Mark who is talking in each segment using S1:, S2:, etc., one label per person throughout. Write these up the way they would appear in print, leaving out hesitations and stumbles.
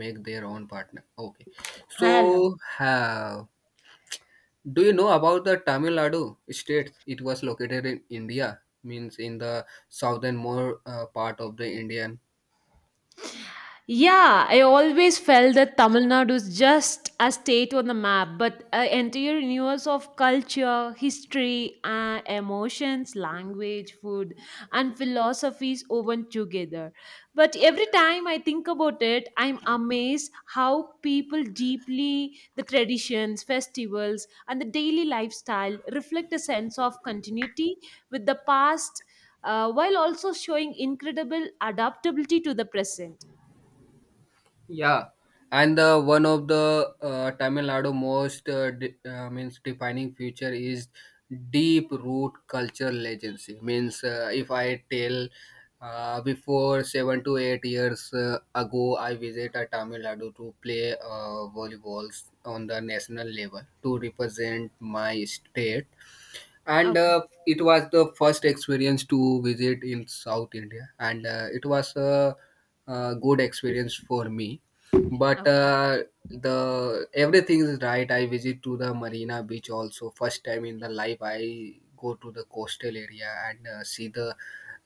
S1: Make their own partner. Okay. So,
S2: Hello.
S1: uh, do you know about the Tamil Nadu state? It was located in India, means in the southern more part of the Indian.
S2: Yeah, I always felt that Tamil Nadu is just a state on the map, but entire universe of culture, history, emotions, language, food, and philosophies woven together. But every time I think about it, I'm amazed how people deeply the traditions, festivals, and the daily lifestyle reflect a sense of continuity with the past, while also showing incredible adaptability to the present.
S1: Yeah, and the one of the Tamil Nadu most de- means defining feature is deep root cultural legacy. Means If I tell, before 7 to 8 years ago, I visited Tamil Nadu to play volleyball on the national level to represent my state, and
S2: Okay,
S1: it was the first experience to visit in south india, and a good experience for me. But
S2: okay.
S1: The everything is right. I visit to the marina beach also first time in the life. I go to the coastal area and uh, see the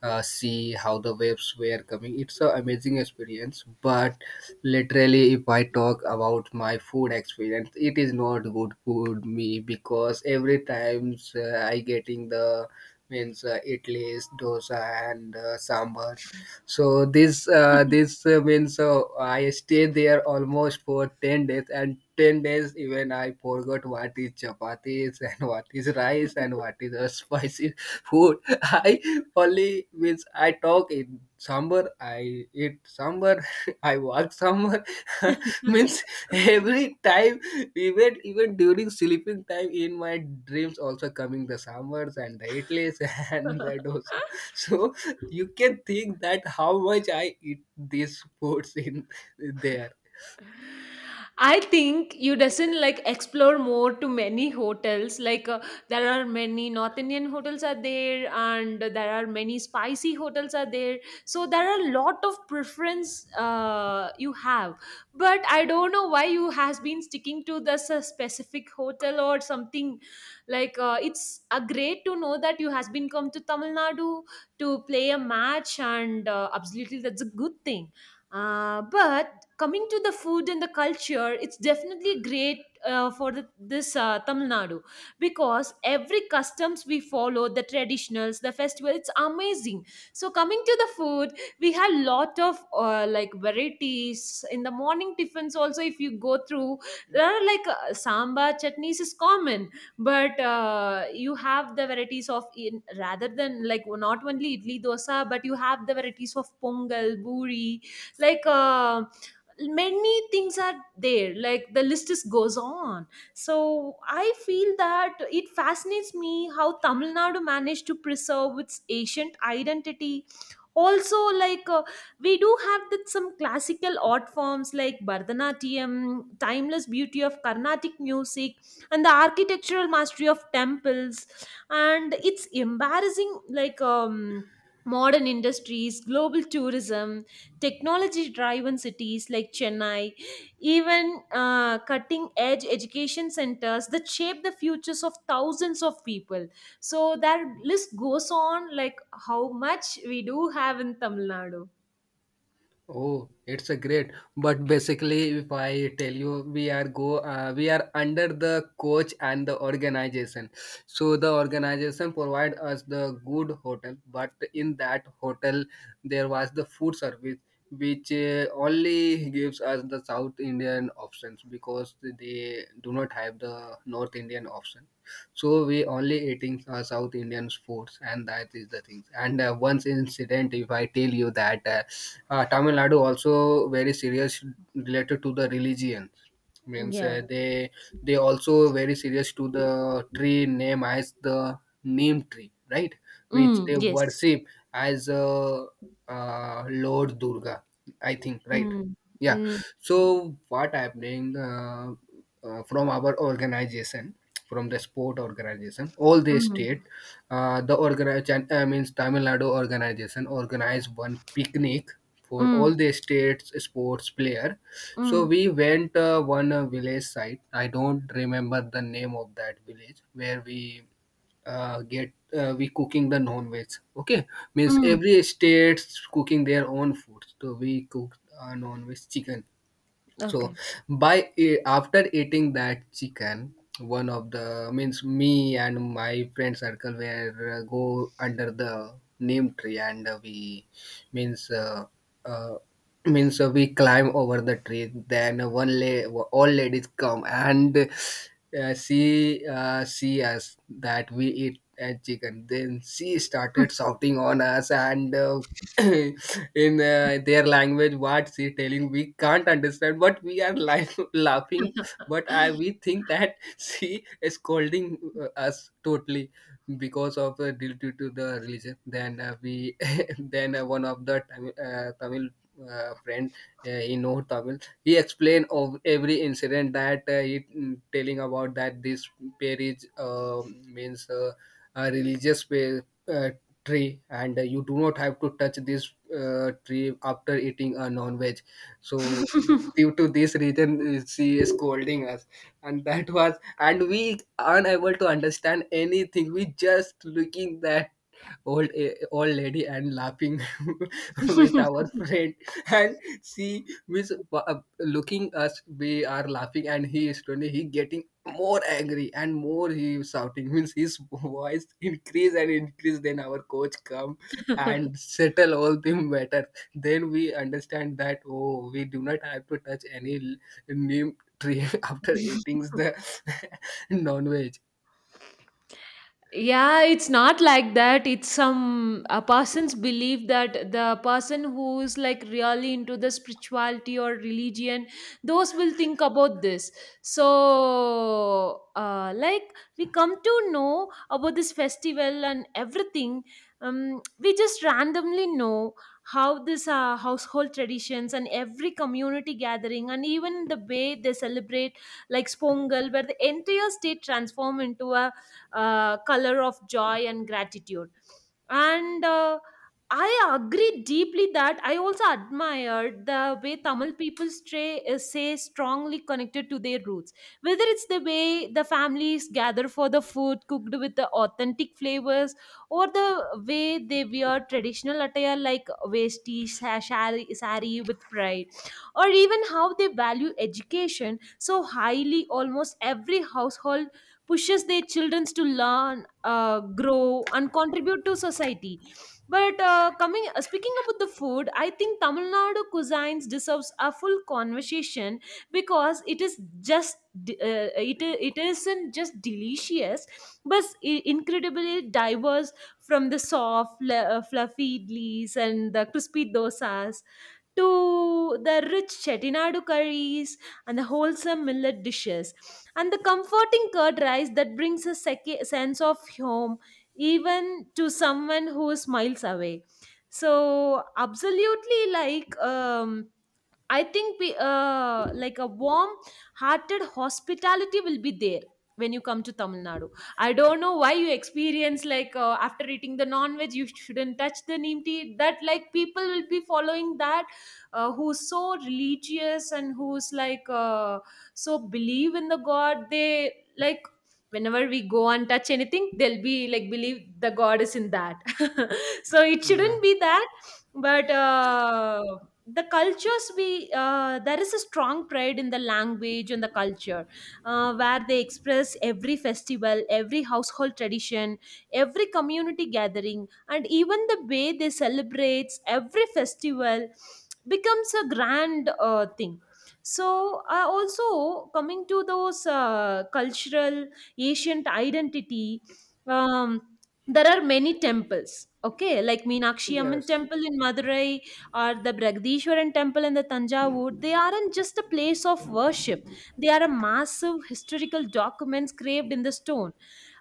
S1: uh, see how the waves were coming. It's an amazing experience, but literally, if I talk about my food experience, it is not good food me, because every times I getting the, means idlis, dosa, and sambars. So this this means I stay there almost for 10 days and. 10 days even I forgot what is chapatis and what is rice and what is a spicy food. I only means I talk in sambar, I eat sambar. I work somewhere. means every time, even during sleeping time in my dreams also coming the summers and the idlis, and the dosa. So you can think that how much I eat these foods in there.
S2: I think you doesn't like explore more to many hotels. Like there are many North Indian hotels are there, and there are many spicy hotels are there. So there are a lot of preference you have. But I don't know why you has been sticking to this specific hotel or something. Like it's great to know that you has been come to Tamil Nadu to play a match, and absolutely that's a good thing. But coming to the food and the culture, it's definitely great for the, this Tamil Nadu, because every customs we follow, the traditionals, the festival, it's amazing. So coming to the food, we have lot of like varieties. In the morning tiffins also, if you go through, there are like sambar chutneys is common, but you have the varieties of in, rather than like not only idli dosa, but you have the varieties of pongal buri, like many things are there, like the list just goes on. So I feel that it fascinates me how Tamil Nadu managed to preserve its ancient identity also. Like we do have that some classical art forms like bharatanatyam, timeless beauty of carnatic music, and the architectural mastery of temples, and it's embarrassing. Like, modern industries, global tourism, technology driven cities like Chennai, even cutting edge education centers that shape the futures of thousands of people. So that list goes on, like how much we do have in Tamil Nadu.
S1: Oh, it's a great. But basically, if I tell you, we are under the coach and the organization. So the organization provide us the good hotel, but in that hotel there was the food service, which only gives us the South Indian options because they do not have the North Indian option. So we only eating South Indian foods, and that is the things. And once incident, if I tell you that. Tamil Nadu also very serious related to the religion, means
S2: Yeah.
S1: they also very serious to the tree name as the neem tree, right, which
S2: Mm,
S1: they
S2: yes.
S1: worship as lord Durga, I think, right.
S2: Mm,
S1: Yeah,
S2: mm,
S1: so what happening, from our organization, from the sport organization, all the state,
S2: mm,
S1: the organization, means tamil nadu organization organized one picnic for all
S2: mm,
S1: the states sports player. So we
S2: mm,
S1: went one village site. I don't remember the name of that village where we get we cooking the non veg. Okay, means
S2: mm.
S1: every state's cooking their own food. So we cooked non veg chicken. So
S2: Okay.
S1: after eating that chicken, one of the, means me and my friend circle were go under the name tree, and we means uh, means we climb over the tree. Then all ladies come and see us that we eat a chicken. Then she started shouting on us and. In their language, what she telling we can't understand, but we are laughing, but I we think that she is scolding us totally because of due to the religion. Then we then one of the tamil friend, he know tamil. He explained of every incident that he, mm, telling about that this parish means a religious uh, tree, and you do not have to touch this tree after eating a non-veg. So due to this reason she is scolding us, and that was, and we unable to understand anything. We just looking that old lady and laughing with our friend. And she was looking us we are laughing, and he is slowly, he getting more angry, and more he is shouting, means his voice increase and increase. Then our coach come and settle all the matter. Then we understand that, oh, we do not have to touch neem tree after eating the non-veg.
S2: Yeah, it's not like that. It's some a person's belief that the person who is like really into the spirituality or religion, those will think about this. So like we come to know about this festival and everything. We just randomly know how this household traditions and every community gathering and even the way they celebrate, like spongal, where the entire state transform into a color of joy and gratitude. And I agree deeply that I also admired the way Tamil people stray, say strongly connected to their roots, whether it's the way the families gather for the food cooked with the authentic flavors, or the way they wear traditional attire like vesti, shari, sari with pride, or even how they value education so highly. Almost every household pushes their children to learn, grow, and contribute to society. Speaking about the food, I think Tamil Nadu cuisines deserves a full conversation because it is just it isn't just delicious, but incredibly diverse, from the soft, fluffy idlis and the crispy dosas, to the rich chettinadu curries and the wholesome millet dishes and the comforting curd rice that brings a sense of home, even to someone who is miles away. So absolutely, like, I think we, like a warm-hearted hospitality will be there when you come to Tamil Nadu. I don't know why you experience like after eating the non-veg, you shouldn't touch the neem tea. That like people will be following that, who's so religious and who's like so believe in the God. They, like, whenever we go and touch anything, they'll be like believe the God is in that. So it
S1: Yeah.
S2: shouldn't be that. But the cultures we there is a strong pride in the language and the culture, where they express every festival, every household tradition, every community gathering, and even the way they celebrates every festival becomes a grand thing. So, also coming to those cultural ancient identity. Um, there are many temples, okay, like Meenakshi Amman
S1: Yes.
S2: temple in Madurai, or the Bragdishwaran temple in the Tanjavur. They aren't just a place of worship, they are a massive historical documents carved in the stone,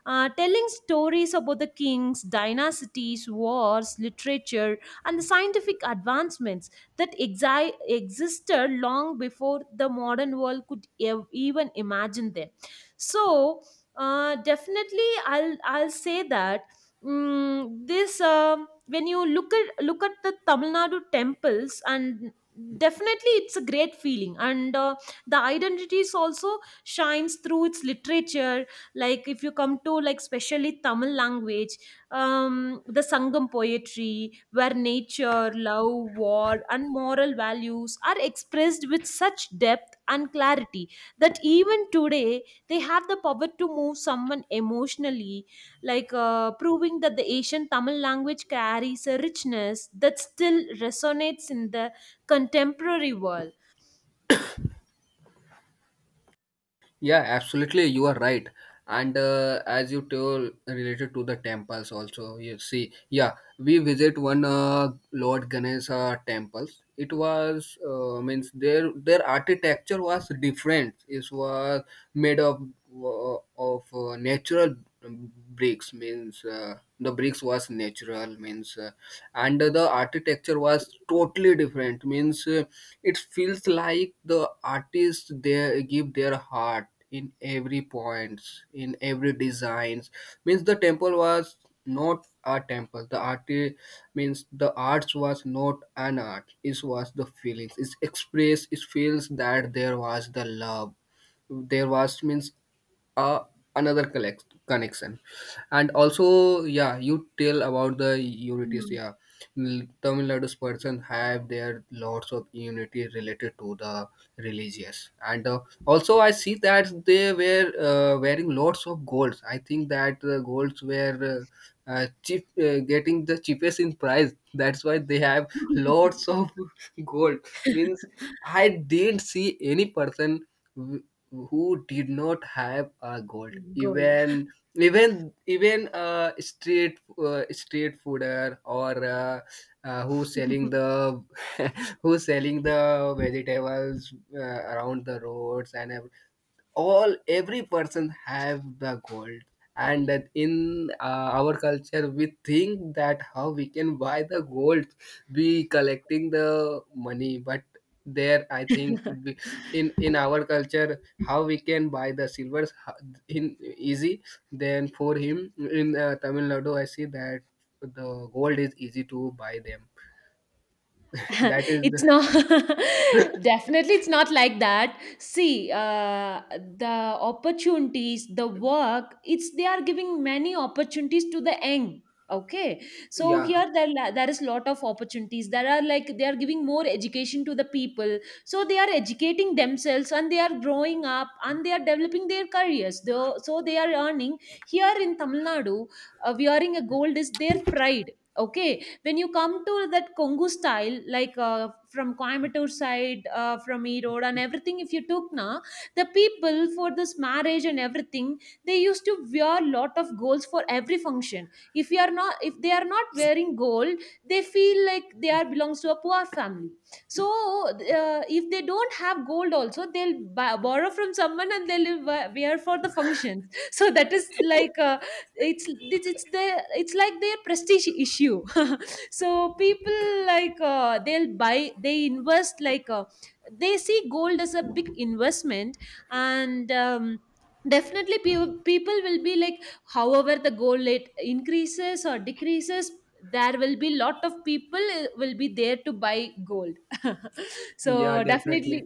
S2: telling stories about the kings, dynasties, wars, literature, and the scientific advancements that existed long before the modern world could even imagine them. So, definitely, I'll say that, mm, this when you look at the Tamil Nadu temples and definitely it's a great feeling, and the identities also shines through its literature. Like if you come to like specially Tamil language, the Sangam poetry, where nature, love, war and moral values are expressed with such depth and clarity that even today they have the power to move someone emotionally, like proving that the ancient Tamil language carries a richness that still resonates in the contemporary world.
S1: Yeah, absolutely. You are right. And as you told related to the temples also, you see, yeah, we visit one Lord Ganesha temples. It was, means their architecture was different. It was made of natural bricks, means the bricks was natural, means and the architecture was totally different, means it feels like the artists they give their heart in every points, in every designs, means the temple was not a temple, the art, means the arts was not an art, it was the feelings it's expressed. It feels that there was the love, there was, means uh, another collect connection. And also yeah, you tell about the unities.
S2: Mm.
S1: Yeah, tamil nadu's person have their lots of unity related to the religious. And also I see that they were wearing lots of golds. I think that the golds were cheap getting the cheapest in price, that's why they have lots of gold. Means I didn't see any person who did not have a gold,
S2: Gold.
S1: even, street fooder, or who selling the who selling the vegetables around the roads and all. Every person have the gold. And that in our culture, we think that how we can buy the gold be collecting the money. But there, I think we, in our culture how we can buy the silvers in easy. Then for him, in tamil nadu I see that the gold is easy to buy them. That is the.
S2: It's not, definitely it's not like that. See, the opportunities, the work, it's they are giving many opportunities to the young, okay. So
S1: Yeah,
S2: here there, there is lot of opportunities. There are like they are giving more education to the people, so they are educating themselves and they are growing up and they are developing their careers though, so they are earning. Here in Tamil Nadu, wearing a gold is their pride, okay. When you come to that Kongu style, like from Coimbatore side, from Erode and everything, if you took na, the people for this marriage and everything, they used to wear lot of golds for every function. If you are not, if they are not wearing gold, they feel like they are belongs to a poor family. So if they don't have gold, also they'll borrow from someone and they'll wear for the functions. So that is like it's like their prestige issue. So people like they'll buy, they invest like they see gold as a big investment. And definitely people will be like, however the gold rate increases or decreases, there will be lot of people will be there to buy gold.
S1: yeah
S2: So definitely,
S1: definitely,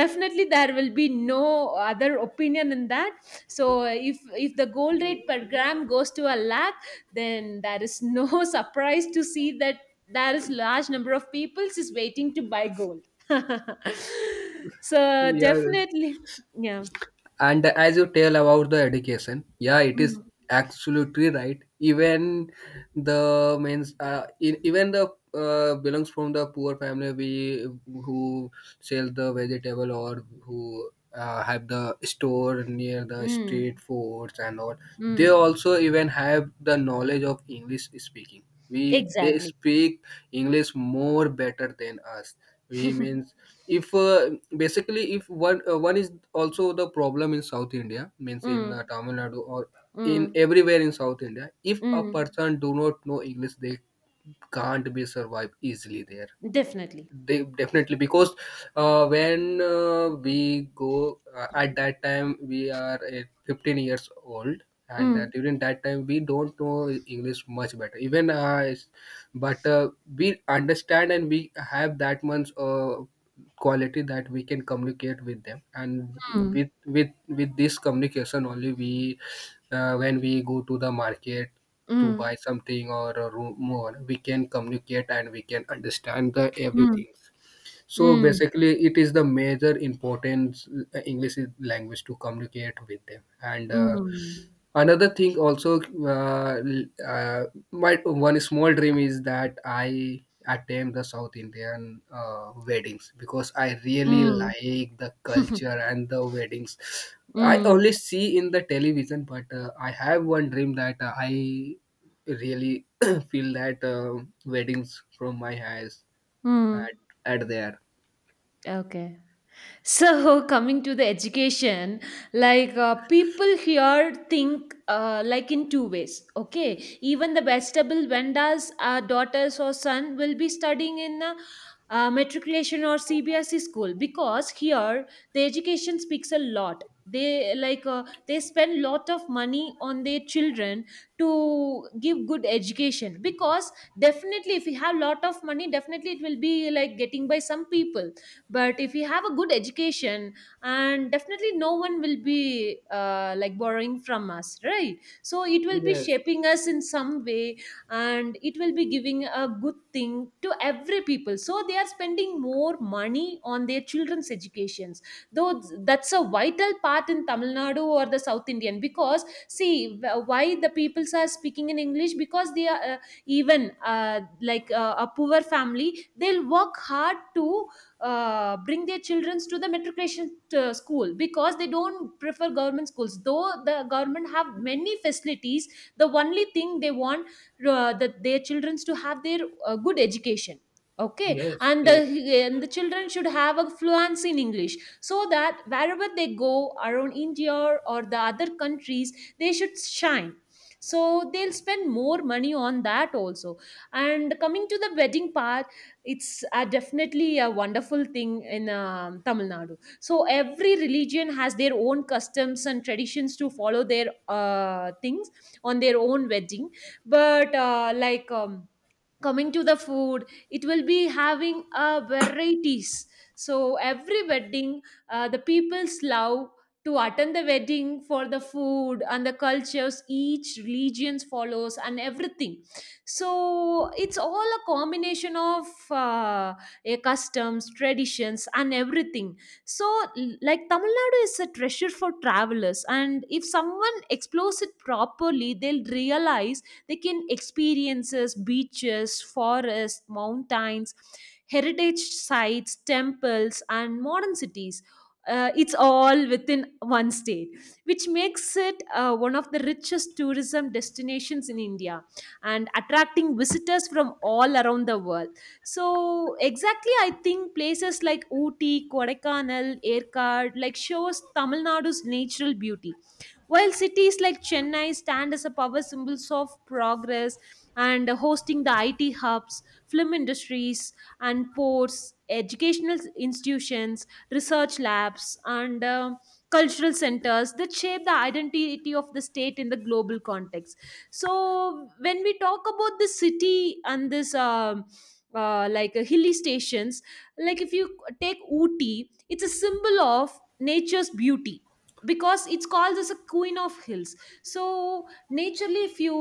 S2: definitely there will be no other opinion in that. So if the gold rate per gram goes to a lakh, then there is no surprise to see that there is large number of people is waiting to buy gold. So
S1: yeah.
S2: definitely, yeah.
S1: And as you tell about the education, yeah, it is
S2: mm,
S1: absolutely right. Even even the, belongs from the poor family, we who sell the vegetable or who have the store near the
S2: mm,
S1: street foods and all. They
S2: mm.
S1: also even have the knowledge of English speaking. We they
S2: Exactly.
S1: speak English more better than us, he means if basically if one is also the problem in south india, means in
S2: mm,
S1: tamil nadu, or in
S2: mm,
S1: everywhere in south india, if a
S2: mm.
S1: person do not know english, they can't be survive easily there.
S2: Definitely.
S1: Definitely, because when we go at that time we are 15 years old, and
S2: mm,
S1: during that time we don't know english much better, even but we understand and we have that much quality that we can communicate with them. And
S2: mm,
S1: with with this communication only we, when we go to the market to
S2: mm,
S1: buy something or a room more, we can communicate and we can understand the
S2: mm,
S1: everything. So
S2: mm,
S1: basically it is the major importance, english is language to communicate with them. And
S2: mm,
S1: another thing also, uh, l- uh, my one small dream is that I attend the south indian weddings, because I really
S2: mm.
S1: like the culture and the weddings. I
S2: mm,
S1: only see in the television, but I have one dream that I really feel that weddings from my eyes,
S2: mm.
S1: at, at there.
S2: Okay. So, coming to the education, like people here think like in two ways. Okay, even the vegetable vendors, daughters or son will be studying in a matriculation or CBSE school, because here the education speaks a lot. They like they spend lot of money on their children to give good education, because definitely if you have lot of money, definitely it will be like getting by some people, but if you have a good education, and definitely no one will be like borrowing from us right, so it will be
S1: Yes,
S2: shaping us in some way, and it will be giving a good thing to every people. So they are spending more money on their children's educations, though that's a vital part in Tamil Nadu or the South Indian. Because, see, why the peoples are speaking in English? Because they are even uh, like a poor family, they'll work hard to bring their children to the matriculation school, because they don't prefer government schools though the government have many facilities. The only thing they want that their children to have their good education, okay.
S1: yes,
S2: And
S1: yes.
S2: the, and the children should have a fluency in English, so that wherever they go around India or the other countries, they should shine. So they'll spend more money on that also. And coming to the wedding part, it's definitely a wonderful thing in Tamil Nadu. So every religion has their own customs and traditions to follow their things on their own wedding. But like coming to the food, it will be having varieties. So every wedding, the people's love to attend the wedding for the food and the cultures each religions follows and everything. So it's all a combination of a customs, traditions and everything. So, like, Tamil Nadu is a treasure for travelers, and if someone explores it properly, they'll realize they can experiences beaches, forests, mountains, heritage sites, temples and modern cities. It's all within one state, which makes it one of the richest tourism destinations in India, and attracting visitors from all around the world. So exactly, I think places like Ooty, Kodaikanal, Erkard, like shows Tamil Nadu's natural beauty, while cities like Chennai stand as a power symbols of progress, and hosting the IT hubs, film industries, and ports, educational institutions, research labs, and cultural centers that shape the identity of the state in the global context. So, when we talk about the city and this, like hilly stations, like if you take Ooty, it's a symbol of nature's beauty because it's called as a queen of hills. So naturally,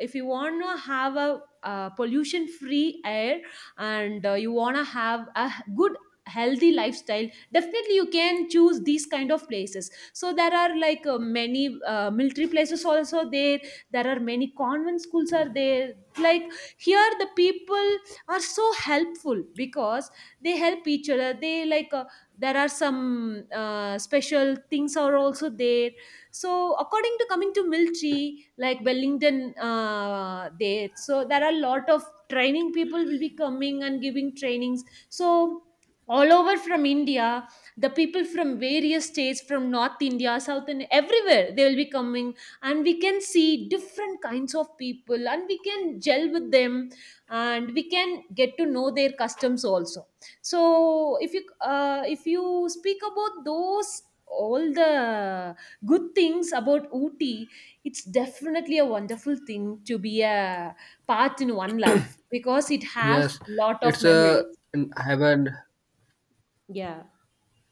S2: if you want to have a pollution free air, and you want to have a good healthy lifestyle, definitely you can choose these kind of places. So there are like many military places also there. There are many convent schools are there, like here the people are so helpful because they help each other. They like there are some special things are also there. So according to coming to military like Wellington there, so there are a lot of training people will be coming and giving trainings. So all over from India, the people from various states, from North India, South India, everywhere they will be coming, and we can see different kinds of people and we can gel with them, and we can get to know their customs also. So if you speak about those all the good things about Ooty, it's definitely a wonderful thing to be a part in one life because it has
S1: Yes,
S2: lot of
S1: it's a
S2: memories.
S1: I haven't.
S2: Yeah,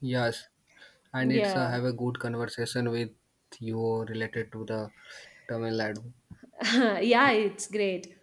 S1: Yes, and it's
S2: yeah,
S1: have a good conversation with you related to the Tamil Nadu.
S2: yeah. It's great.